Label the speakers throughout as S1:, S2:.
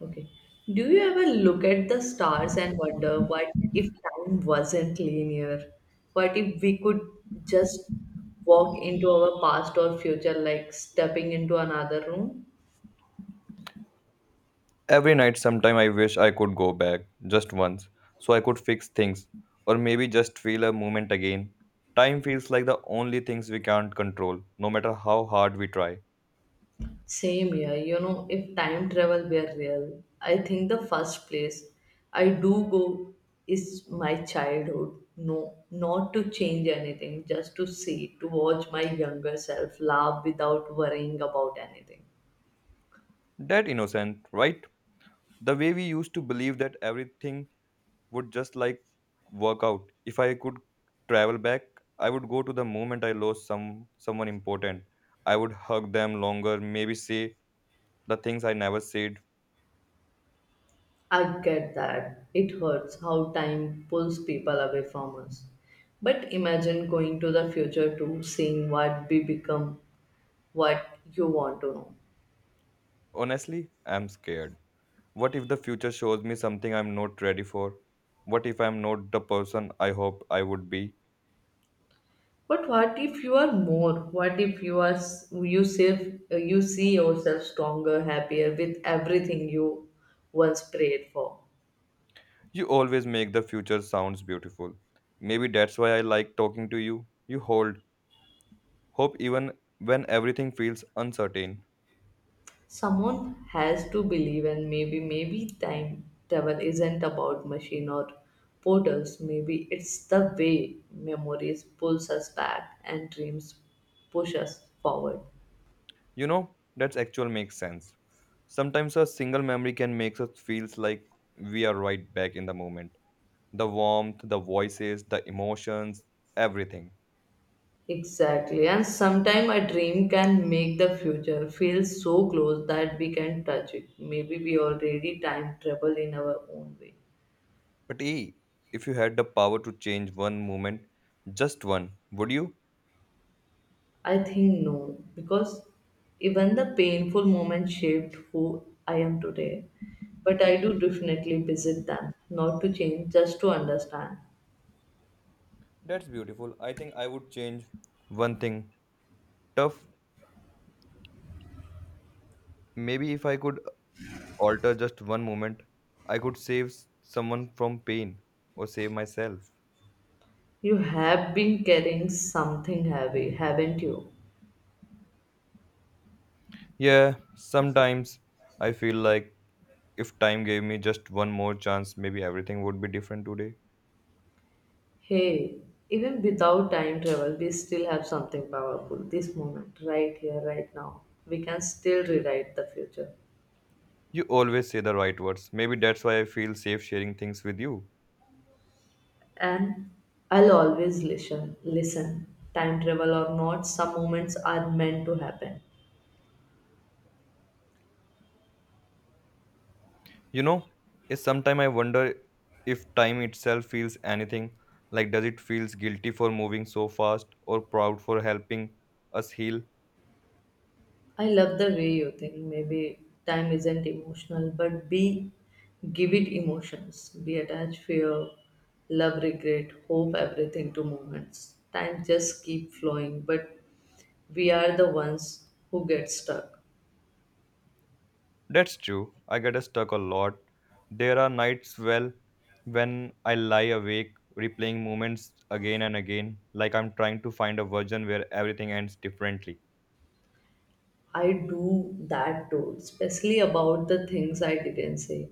S1: Okay. Do you ever look at the stars and wonder what if time wasn't linear? What if we could just walk into our past or future like stepping into another room?
S2: Every night, sometime I wish I could go back just once so I could fix things or maybe just feel a moment again. Time feels like the only things we can't control, no matter how hard we try.
S1: Same here, you know, if time travel were real, I think the first place I do go is my childhood. No, not to change anything, just to see, to watch my younger self laugh without worrying about anything.
S2: That innocent, right? The way we used to believe that everything would just like work out. If I could travel back, I would go to the moment I lost someone important. I would hug them longer, maybe say the things I never said.
S1: I get that. It hurts how time pulls people away from us. But imagine going to the future too, seeing what we become, what you want to know.
S2: Honestly, I'm scared. What if the future shows me something I'm not ready for? What if I'm not the person I hoped I would be?
S1: But what if you are more? What if you are you see yourself stronger, happier with everything you once prayed for?
S2: You always make the future sounds beautiful. Maybe that's why I like talking to you. You hold hope even when everything feels uncertain.
S1: Someone has to believe, and maybe time travel isn't about machine or portals. Maybe it's the way memories pulls us back and dreams push us forward.
S2: You know, that's actual makes sense. Sometimes a single memory can make us feels like we are right back in the moment. The warmth, the voices, the emotions, everything.
S1: Exactly, and sometimes a dream can make the future feel so close that we can touch it. Maybe we already time travel in our own way.
S2: But hey, if you had the power to change one moment, just one, would you?
S1: I think no, because even the painful moments shaped who I am today. But I do definitely visit them, not to change, just to understand.
S2: That's beautiful. I think I would change one thing. Tough, maybe if I could alter just one moment, I could save someone from pain or save myself.
S1: You have been carrying something heavy, haven't you?
S2: Yeah, sometimes I feel like if time gave me just one more chance, maybe everything would be different today.
S1: Hey, even without time travel, we still have something powerful. This moment, right here, right now, we can still rewrite the future.
S2: You always say the right words. Maybe that's why I feel safe sharing things with you.
S1: And I'll always listen. Listen, time travel or not, some moments are meant to happen.
S2: You know, it's sometime I wonder if time itself feels anything. Like, does it feels guilty for moving so fast or proud for helping us heal?
S1: I love the way you think. Maybe time isn't emotional, but be give it emotions. We attach fear, love, regret, hope, everything to moments. Time just keep flowing, but we are the ones who get stuck.
S2: That's true. I get stuck a lot. There are nights, well, when I lie awake, replaying moments again and again, like I'm trying to find a version where everything ends differently.
S1: I do that too, especially about the things I didn't say,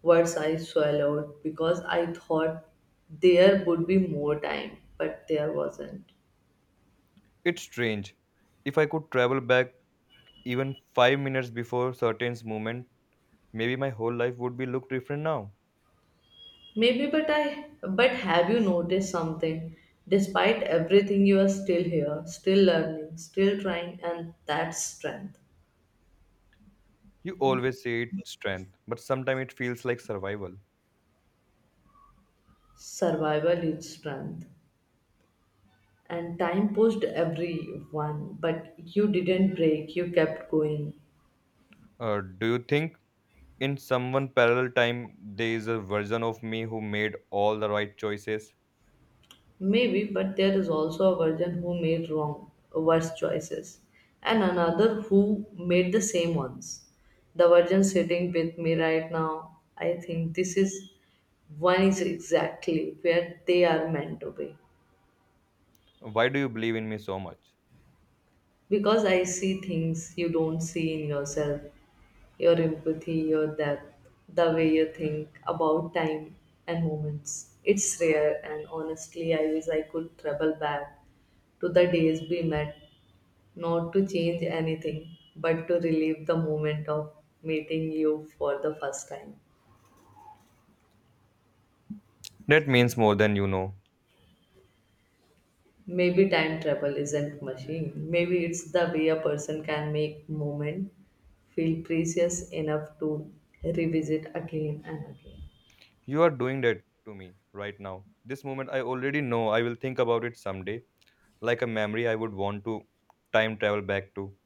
S1: words I swallowed because I thought there would be more time, but there wasn't.
S2: It's strange. If I could travel back even 5 minutes before certain moment, maybe my whole life would be look different now.
S1: Maybe, but have you noticed something? Despite everything, you are still here, still learning, still trying, and that's strength.
S2: You always say it's strength, but sometimes it feels like survival.
S1: Survival is strength. And time pushed everyone, but you didn't break, you kept going.
S2: Do you think in someone parallel time there is a version of me who made all the right choices?
S1: Maybe, but there is also a version who made wrong, worse choices, and another who made the same ones. The version sitting with me right now, I think this is one is exactly where they are meant to be.
S2: Why do you believe in me so much?
S1: Because I see things you don't see in yourself, your empathy, your depth, the way you think about time and moments. It's rare, and honestly, I wish I could travel back to the days we met. Not to change anything, but to relive the moment of meeting you for the first time.
S2: That means more than you know.
S1: Maybe time travel isn't machine. Maybe it's the way a person can make moment feel precious enough to revisit again and again.
S2: You are doing that to me right now. This moment I already know I will think about it someday, like a memory I would want to time travel back to.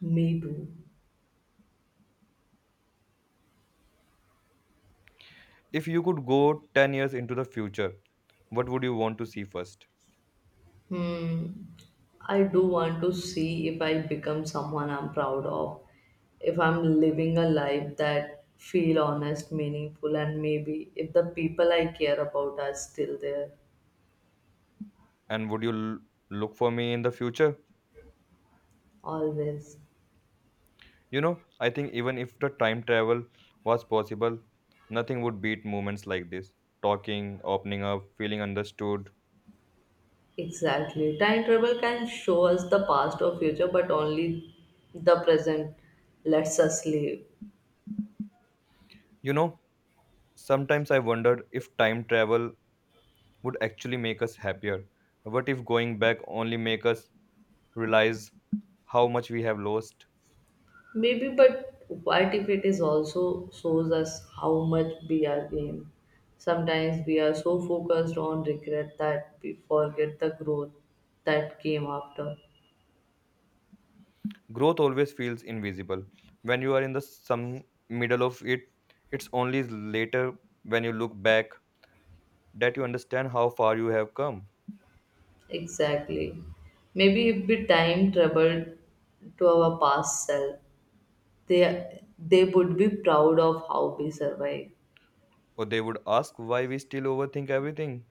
S1: Me too.
S2: If you could go 10 years into the future, what would you want to see first?
S1: Hmm. I do want to see if I become someone I'm proud of. If I'm living a life that feel honest, meaningful, and maybe if the people I care about are still there.
S2: And would you look for me in the future?
S1: Always.
S2: You know, I think even if the time travel was possible, nothing would beat moments like this. Talking, opening up, feeling understood.
S1: Exactly. Time travel can show us the past or future, but only the present lets us live.
S2: You know, sometimes I wondered if time travel would actually make us happier. What if going back only make us realize how much we have lost?
S1: Maybe, but what if it is also shows us how much we are in? Sometimes we are so focused on regret that we forget the growth that came after.
S2: Growth always feels invisible. When you are in the some middle of it, it's only later when you look back that you understand how far you have come.
S1: Exactly. Maybe if we time traveled to our past self, they would be proud of how we survived.
S2: Or they would ask why we still overthink everything.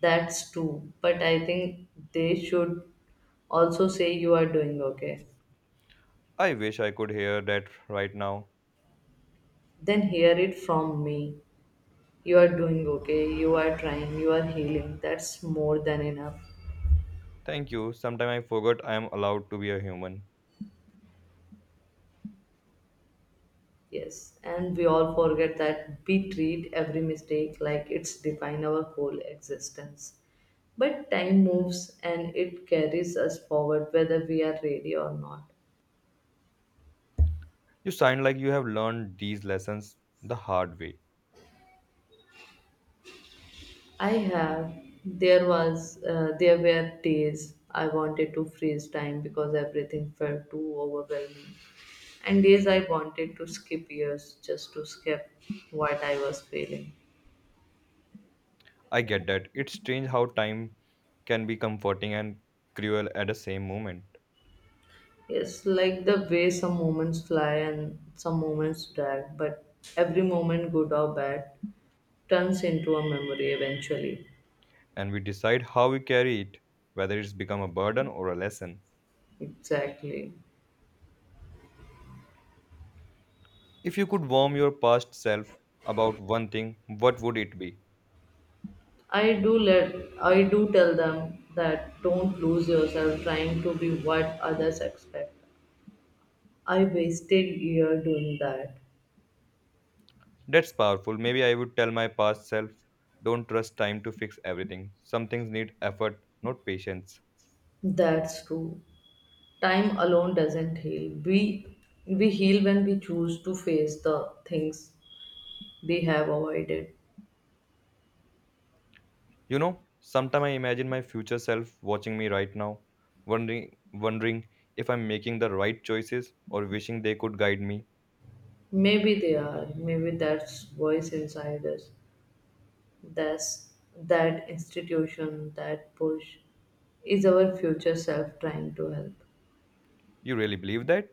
S1: That's true, but I think they should also say you are doing okay.
S2: I wish I could hear that right now.
S1: Then hear it from me. You are doing okay, you are trying, you are healing. That's more than enough.
S2: Thank you. Sometime I forgot I am allowed to be a human.
S1: Yes, and we all forget that we treat every mistake like it's define our whole existence. But time moves and it carries us forward whether we are ready or not.
S2: You sound like you have learned these lessons the hard way.
S1: I have. There was, there were days I wanted to freeze time because everything felt too overwhelming, and days I wanted to skip years just to skip what I was feeling.
S2: I get that. It's strange how time can be comforting and cruel at the same moment.
S1: It's like the way some moments fly and some moments drag, but every moment, good or bad, turns into a memory eventually.
S2: And we decide how we carry it, whether it's become a burden or a lesson.
S1: Exactly.
S2: If you could warn your past self about one thing, what would it be?
S1: I do let I do tell them that don't lose yourself trying to be what others expect. I wasted year doing that.
S2: That's powerful. Maybe I would tell my past self, don't trust time to fix everything. Some things need effort, not patience.
S1: That's true. Time alone doesn't heal. We heal when we choose to face the things they have avoided.
S2: You know, sometimes I imagine my future self watching me right now, wondering if I'm making the right choices or wishing they could guide me.
S1: Maybe they are. Maybe that's voice inside us. That's that institution, that push is our future self trying to help.
S2: You really believe that?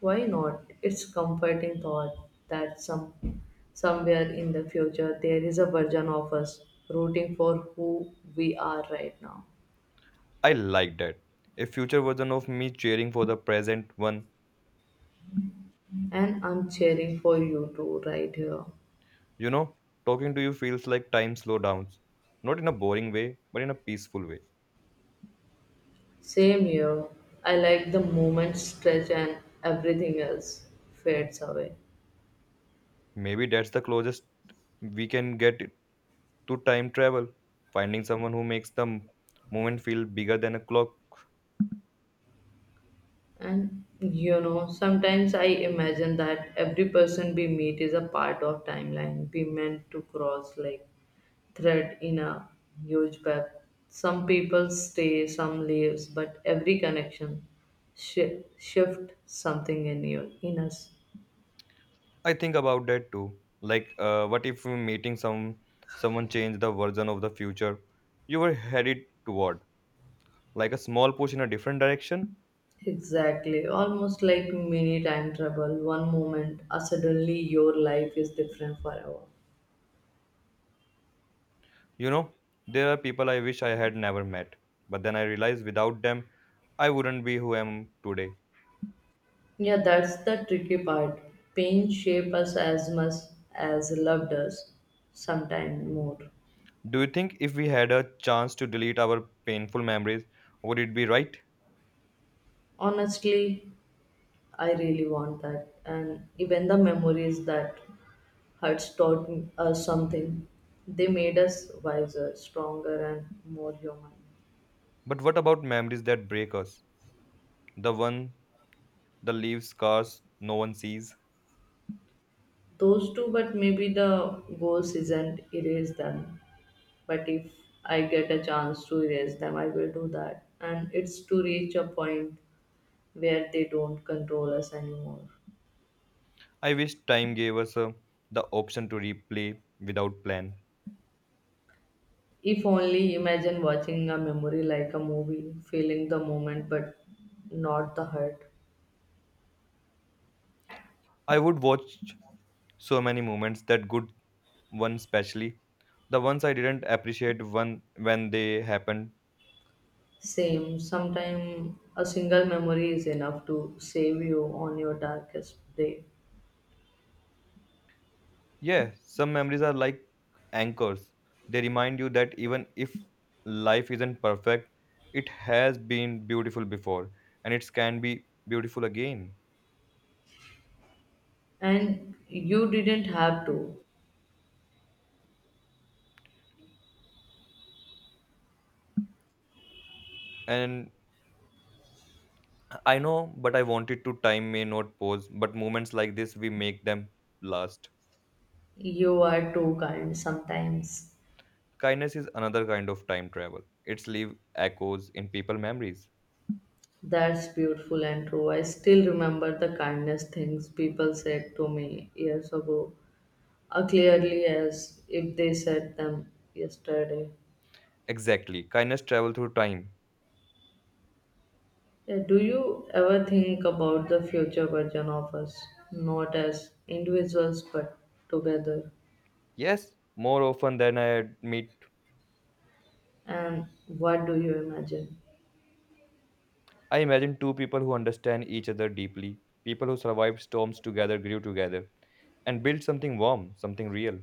S1: Why not? It's comforting thought that somewhere in the future there is a version of us rooting for who we are right now.
S2: I like that. A future version of me cheering for the present one.
S1: And I'm cheering for you too right here.
S2: You know, talking to you feels like time slow down. Not in a boring way, but in a peaceful way.
S1: Same here. I like the moment stretch and everything else fades away.
S2: Maybe that's the closest we can get to time travel, finding someone who makes the moment feel bigger than a clock.
S1: And you know, sometimes I imagine that every person we meet is a part of timeline we meant to cross like thread in a huge web. Some people stay, some leaves, but every connection shift something in you, in us.
S2: I think about that too. Like, what if meeting someone change the version of the future you were headed toward, like a small push in a different direction?
S1: Exactly, almost like mini time travel. One moment, suddenly your life is different forever.
S2: You know, there are people I wish I had never met, but then I realize without them, I wouldn't be who I am today.
S1: Yeah, that's the tricky part. Pain shape us as much as love does, sometimes more.
S2: Do you think if we had a chance to delete our painful memories, would it be right?
S1: Honestly, I really want that, and even the memories that Huts taught us something. They made us wiser, stronger, and more human.
S2: But what about memories that break us? The one The leaves scars no one sees.
S1: Those two, but maybe the goals isn't erase them. But if I get a chance to erase them, I will do that. And it's to reach a point where they don't control us anymore.
S2: I wish time gave us the option to replay without plan.
S1: If only imagine watching a memory like a movie, feeling the moment but not the hurt.
S2: I would watch so many moments, that good ones especially. The ones I didn't appreciate one when they happened.
S1: Same, sometimes a single memory is enough to save you on your darkest day.
S2: Yeah, some memories are like anchors. They remind you that even if life isn't perfect, it has been beautiful before and it can be beautiful again.
S1: And you didn't have to.
S2: And I know, but I wanted to time may not pause, but moments like this we make them last.
S1: You are too kind sometimes.
S2: Kindness is another kind of time travel. It's leave echoes in people memories.
S1: That's beautiful and true. I still remember the kindness things people said to me years ago, clearly as if they said them yesterday.
S2: Exactly. Kindness travel through time.
S1: Yeah, do you ever think about the future version of us? Not as individuals, but together.
S2: Yes, more often than I admit.
S1: And what do you imagine?
S2: I imagine two people who understand each other deeply, people who survived storms together, grew together, and built something warm, something real.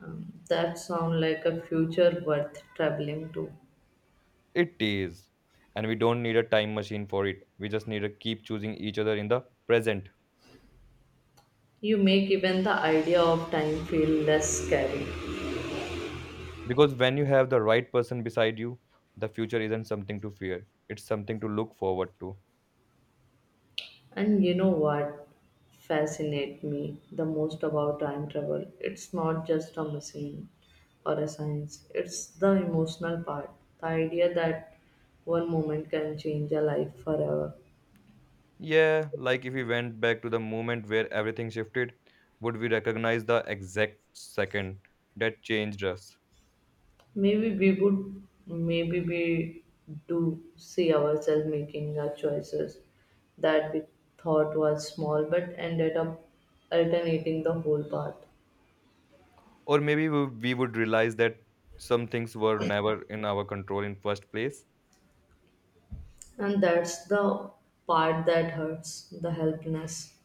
S1: That sound like a future worth traveling to.
S2: It is. And we don't need a time machine for it. We just need to keep choosing each other in the present.
S1: You make even the idea of time feel less scary.
S2: Because when you have the right person beside you, the future isn't something to fear, it's something to look forward to.
S1: And you know what fascinates me the most about time travel? It's not just a machine or a science, it's the emotional part. The idea that one moment can change a life forever.
S2: Yeah, like if we went back to the moment where everything shifted, would we recognize the exact second that changed us?
S1: Maybe we would, maybe we do see ourselves making our choices that we thought was small but ended up alternating the whole path.
S2: Or maybe we would realize that some things were never in our control in first place.
S1: And that's the part that hurts the helplessness.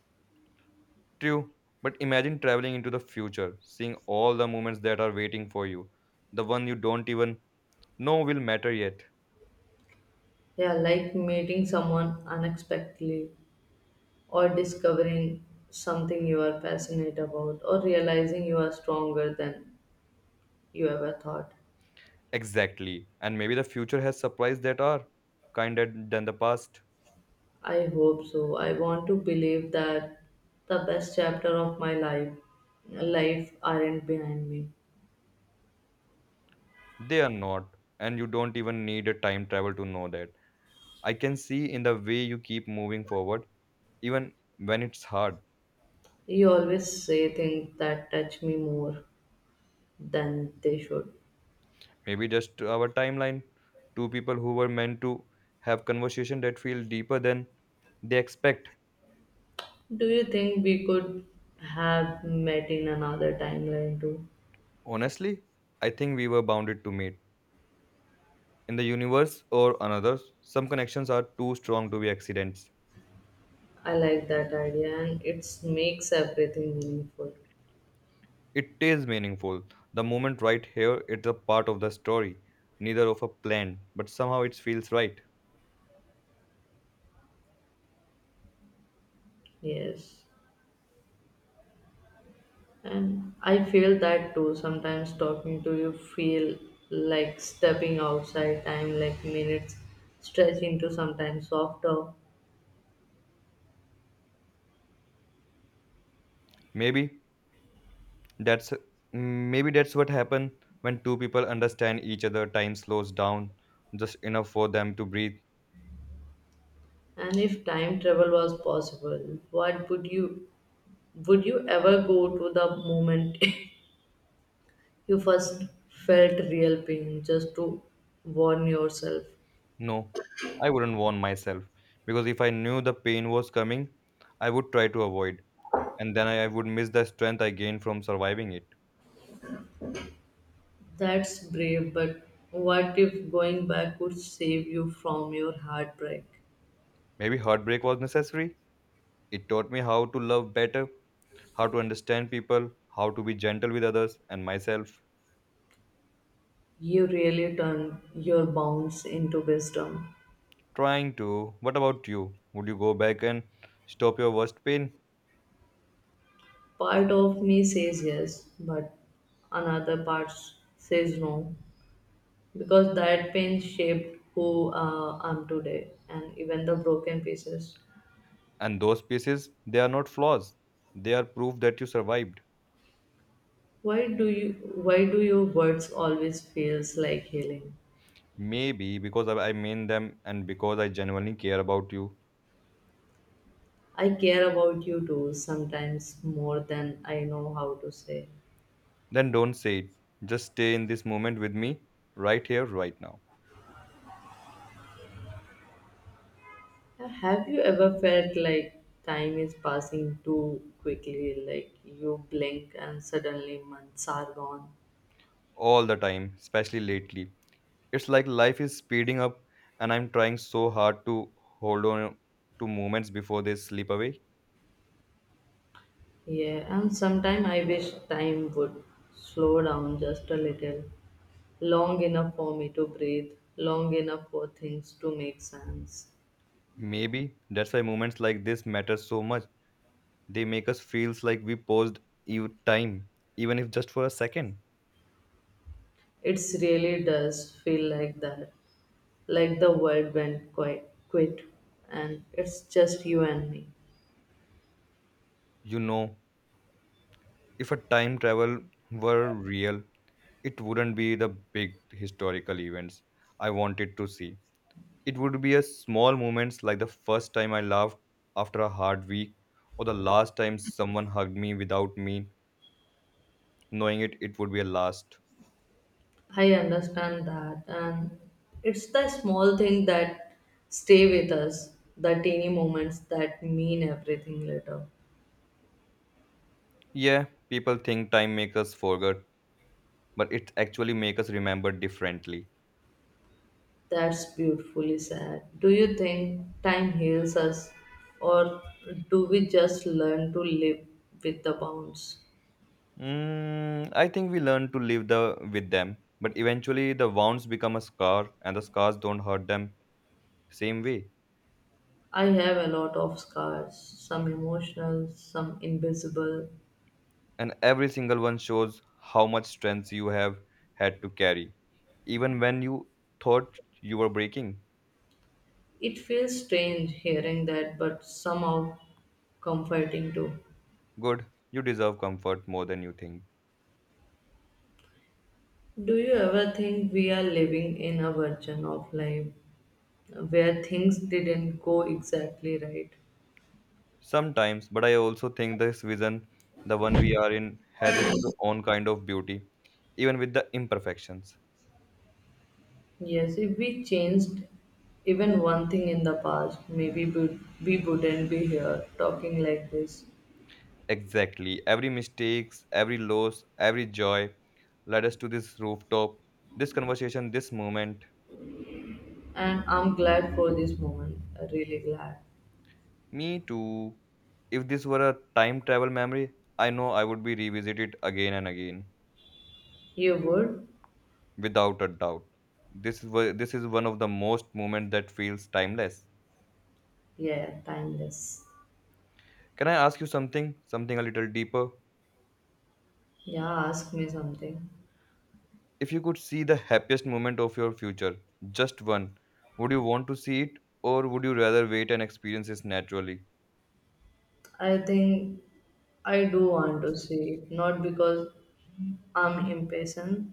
S2: True, but imagine traveling into the future, seeing all the moments that are waiting for you, the one you don't even know will matter yet.
S1: Yeah, like meeting someone unexpectedly or discovering something you are passionate about or realizing you are stronger than you ever thought.
S2: Exactly. And maybe the future has surprises that are kinder than the past.
S1: I hope so. I want to believe that the best chapter of my life aren't behind me.
S2: They are not. And you don't even need a time travel to know that. I can see in the way you keep moving forward, even when it's hard.
S1: You always say things that touch me more than they should.
S2: Maybe just our timeline. Two people who were meant to have conversation that feel deeper than they expect.
S1: Do you think we could have met in another timeline too?
S2: Honestly, I think we were bounded to meet. In the universe or another, some connections are too strong to be accidents.
S1: I like that idea and it makes everything meaningful.
S2: It is meaningful. The moment right here, it's a part of the story, neither of a plan, but somehow it feels right.
S1: Yes. And I feel that too. Sometimes talking to you feel like stepping outside time, like minutes stretch into sometimes softer.
S2: Maybe that's maybe that's what happens when two people understand each other. Time slows down just enough for them to breathe.
S1: And if time travel was possible, what would you ever go to the moment you first felt real pain just to warn yourself?
S2: No, I wouldn't warn myself because if I knew the pain was coming, I would try to avoid, and then I would miss the strength I gained from surviving it.
S1: That's brave, but what if going back could save you from your heartbreak?
S2: Maybe heartbreak was necessary. It taught me how to love better how to understand people, how to be gentle with others, and myself
S1: You really turn your bounds into wisdom.
S2: trying to. What about you? Would you go back and stop your worst pain?
S1: Part of me says yes, but another part says no because that pain shaped who I'm today and even the broken pieces.
S2: And those pieces, they are not flaws. They are proof that you survived.
S1: Why do your words always feels like healing?
S2: Maybe because I mean them and because I genuinely care about you.
S1: I care about you too sometimes more than I know how to say.
S2: Then don't say it. Just stay in this moment with me, right here, right now.
S1: Have you ever felt like time is passing too quickly like you blink and suddenly months are gone?
S2: All the time, especially lately. It's like life is speeding up and I'm trying so hard to hold on to moments before they slip away.
S1: Yeah, and sometime I wish time would slow down just a little, long enough for me to breathe, long enough for things to make sense.
S2: Maybe that's why moments like this matter so much. They make us feels like we paused time, even if just for a second.
S1: It really does feel like that, like the world went quit, and it's just you and me.
S2: You know, if a time travel were real, it wouldn't be the big historical events I wanted to see. It would be a small moments like the first time I laughed after a hard week or the last time someone hugged me without me knowing it would be a last.
S1: I understand that, and it's the small thing that stay with us, the teeny moments that mean everything later.
S2: Yeah, people think time makes us forget, but it actually makes us remember differently.
S1: That's beautifully said. Do you think time heals us, or do we just learn to live with the wounds?
S2: Mm, I think we learn to live the with them, but eventually the wounds become a scar, and the scars don't hurt them same way.
S1: I have a lot of scars, some emotional, some invisible.
S2: And every single one shows how much strength you have had to carry, even when you thought you were breaking.
S1: It feels strange hearing that, but somehow comforting too.
S2: Good, you deserve comfort more than you think
S1: Do you ever think we are living in a version of life where things didn't go exactly right?
S2: sometimes. But I also think this vision, the one we are in, has its own kind of beauty, even with the imperfections.
S1: Yes, if we changed even one thing in the past, maybe we wouldn't be here talking like this.
S2: Exactly, every mistakes, every loss, every joy led us to this rooftop, this conversation, this moment.
S1: And I'm glad for this moment, really glad.
S2: Me too. If this were a time travel memory, I know I would be revisited again and again,
S1: You would?
S2: without a doubt. This is this is one of the most moment that feels timeless.
S1: Yeah, timeless.
S2: Can I ask you something? Something a little deeper.
S1: Yeah, ask me something.
S2: If you could see the happiest moment of your future, just one, would you want to see it, or would you rather wait and experience this naturally?
S1: I think I do want to see it, not because I'm impatient,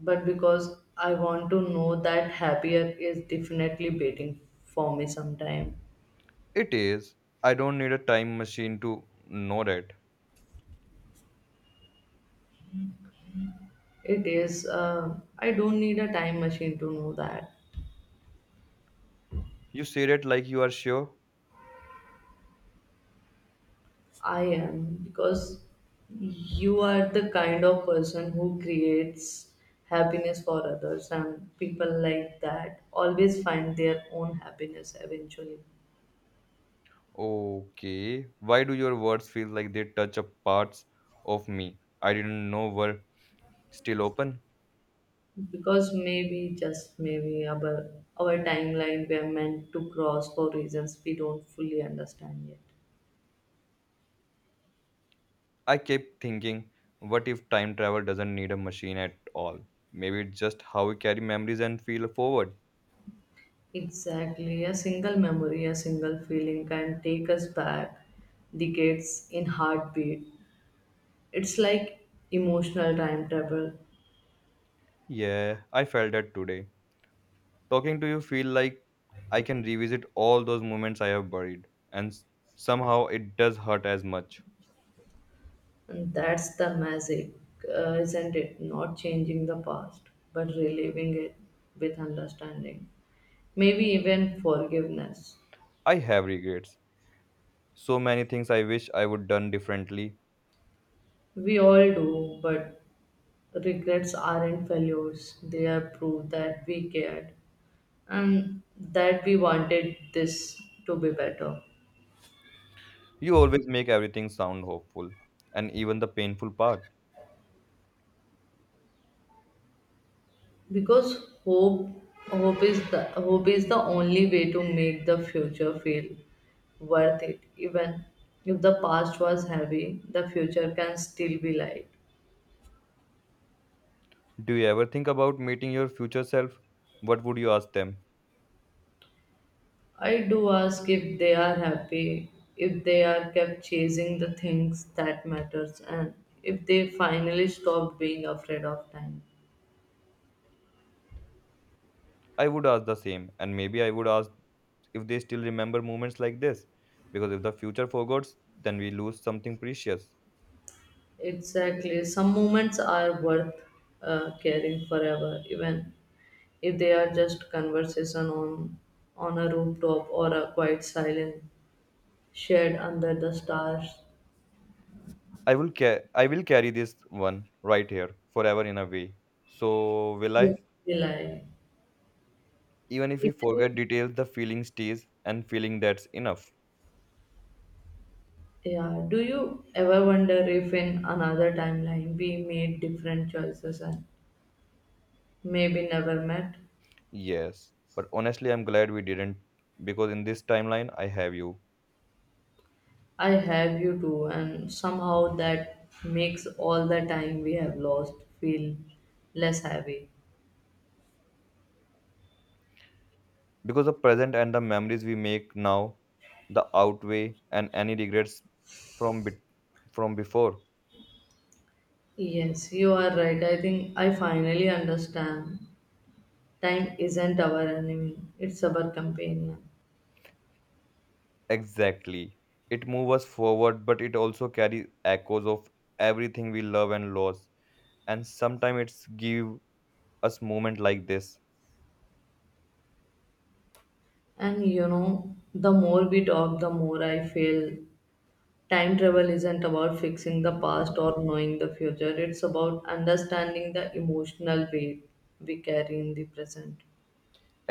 S1: but because I want to know that happier is definitely waiting for me sometime.
S2: It is. I don't need a time machine to know that.
S1: It is. I don't need a time machine to know that.
S2: You say that like you are sure,
S1: I am because you are the kind of person who creates happiness for others, and people like that always find their own happiness eventually.
S2: okay. Why do your words feel like they touch up parts of me I didn't know were still open?
S1: Because maybe, just maybe, our timeline we are meant to cross for reasons we don't fully understand yet.
S2: I kept thinking, what if time travel doesn't need a machine at all? Maybe it's just how we carry memories and feel forward.
S1: Exactly. A single memory, a single feeling can take us back decades in heartbeat. It's like emotional time travel,
S2: Yeah, I felt that today. Talking to you feel like I can revisit all those moments I have buried and somehow it does hurt as much.
S1: and that's the magic, isn't it? Not changing the past, but reliving it with understanding, maybe even forgiveness.
S2: I have regrets. So many things I wish I would done differently,
S1: We all do, but regrets aren't failures, they are proof that we cared and that we wanted this to be better.
S2: you always make everything sound hopeful, and even the painful part.
S1: Because hope is the only way to make the future feel worth it, even if the past was heavy, the future can still be light.
S2: Do you ever think about meeting your future self? What would you ask them?
S1: I do ask if they are happy, if they are kept chasing the things that matters, and if they finally stopped being afraid of time.
S2: I would ask the same, and maybe I would ask if they still remember moments like this. Because if the future forgets, then we lose something precious.
S1: Exactly, some moments are worth caring forever, even if they are just conversation on a rooftop or a quite silent shed under the stars.
S2: I will I will carry this one right here forever in a way. So will I?
S1: So rely.
S2: Even if we
S1: If-
S2: forget details, the feeling stays, and feeling that's enough.
S1: yeah, do you ever wonder if in another timeline we made different choices and maybe never met?
S2: Yes, but honestly, I'm glad we didn't because in this timeline, I have you.
S1: I have you too and somehow that makes all the time we have lost feel less heavy.
S2: Because the present and the memories we make now the outweigh and any regrets from bit from before
S1: Yes, you are right. I think I finally understand. Time isn't our enemy, it's our companion.
S2: exactly it moves us forward but it also carries echoes of everything we love and lost and sometimes it's give us moment like this
S1: And you know, the more we talk, the more I feel time travel isn't about fixing the past or knowing the future, it's about understanding the emotional weight we carry in the present.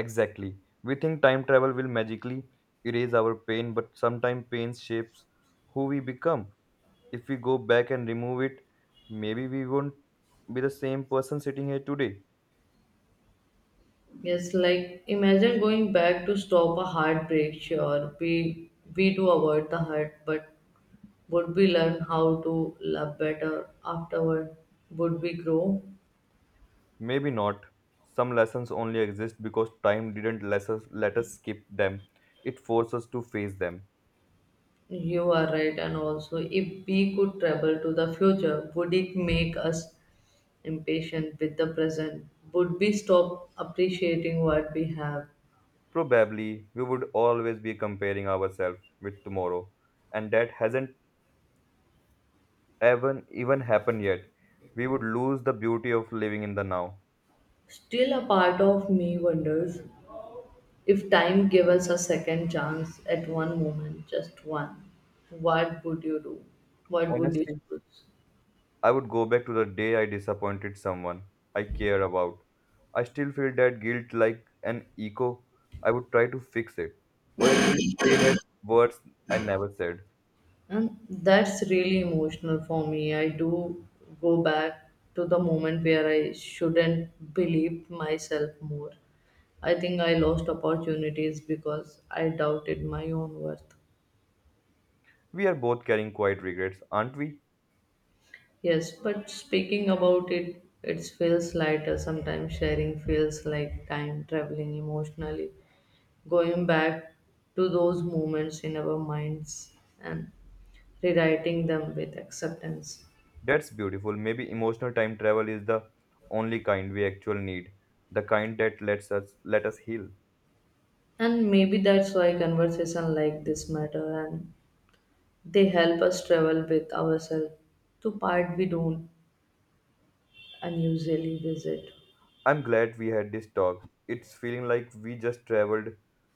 S2: exactly we think time travel will magically erase our pain but sometimes pain shapes who we become if we go back and remove it maybe we won't be the same person sitting here today.
S1: Yes, like imagine going back to stop a heartbreak. Sure, we do avoid the hurt, but would we learn how to love better afterward? Would we grow?
S2: Maybe not. Some lessons only exist because time didn't let us skip them. It forced us to face them.
S1: You are right, and also, if we could travel to the future, would it make us impatient with the present? Would we stop appreciating what we have?
S2: Probably, we would always be comparing ourselves with tomorrow, and that hasn't even happened yet. We would lose the beauty of living in the now.
S1: Still, a part of me wonders if time gave us a second chance at one moment, just one, what would you do? What would you
S2: Honestly,
S1: choose?
S2: I would go back to the day I disappointed someone I care about. I still feel that guilt like an echo. I would try to fix it, or at least say that words I never said.
S1: And that's really emotional for me. I do go back to the moment where I shouldn't believe myself more. I think I lost opportunities because I doubted my own worth.
S2: We are both carrying quiet regrets, aren't we?
S1: Yes, but speaking about it, it feels lighter. Sometimes sharing feels like time traveling emotionally, going back to those moments in our minds and rewriting them with acceptance.
S2: That's beautiful. Maybe emotional time travel is the only kind we actually need, the kind that lets us let us heal.
S1: And maybe that's why conversation like this matter and they help us travel with ourselves to part we don't unusually visit.
S2: I'm glad we had this talk. It's feeling like we just traveled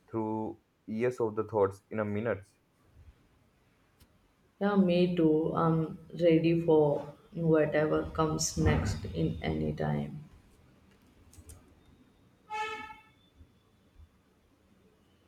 S2: through years of the thoughts in a minute.
S1: Yeah, me too. I'm ready for whatever comes next in any time.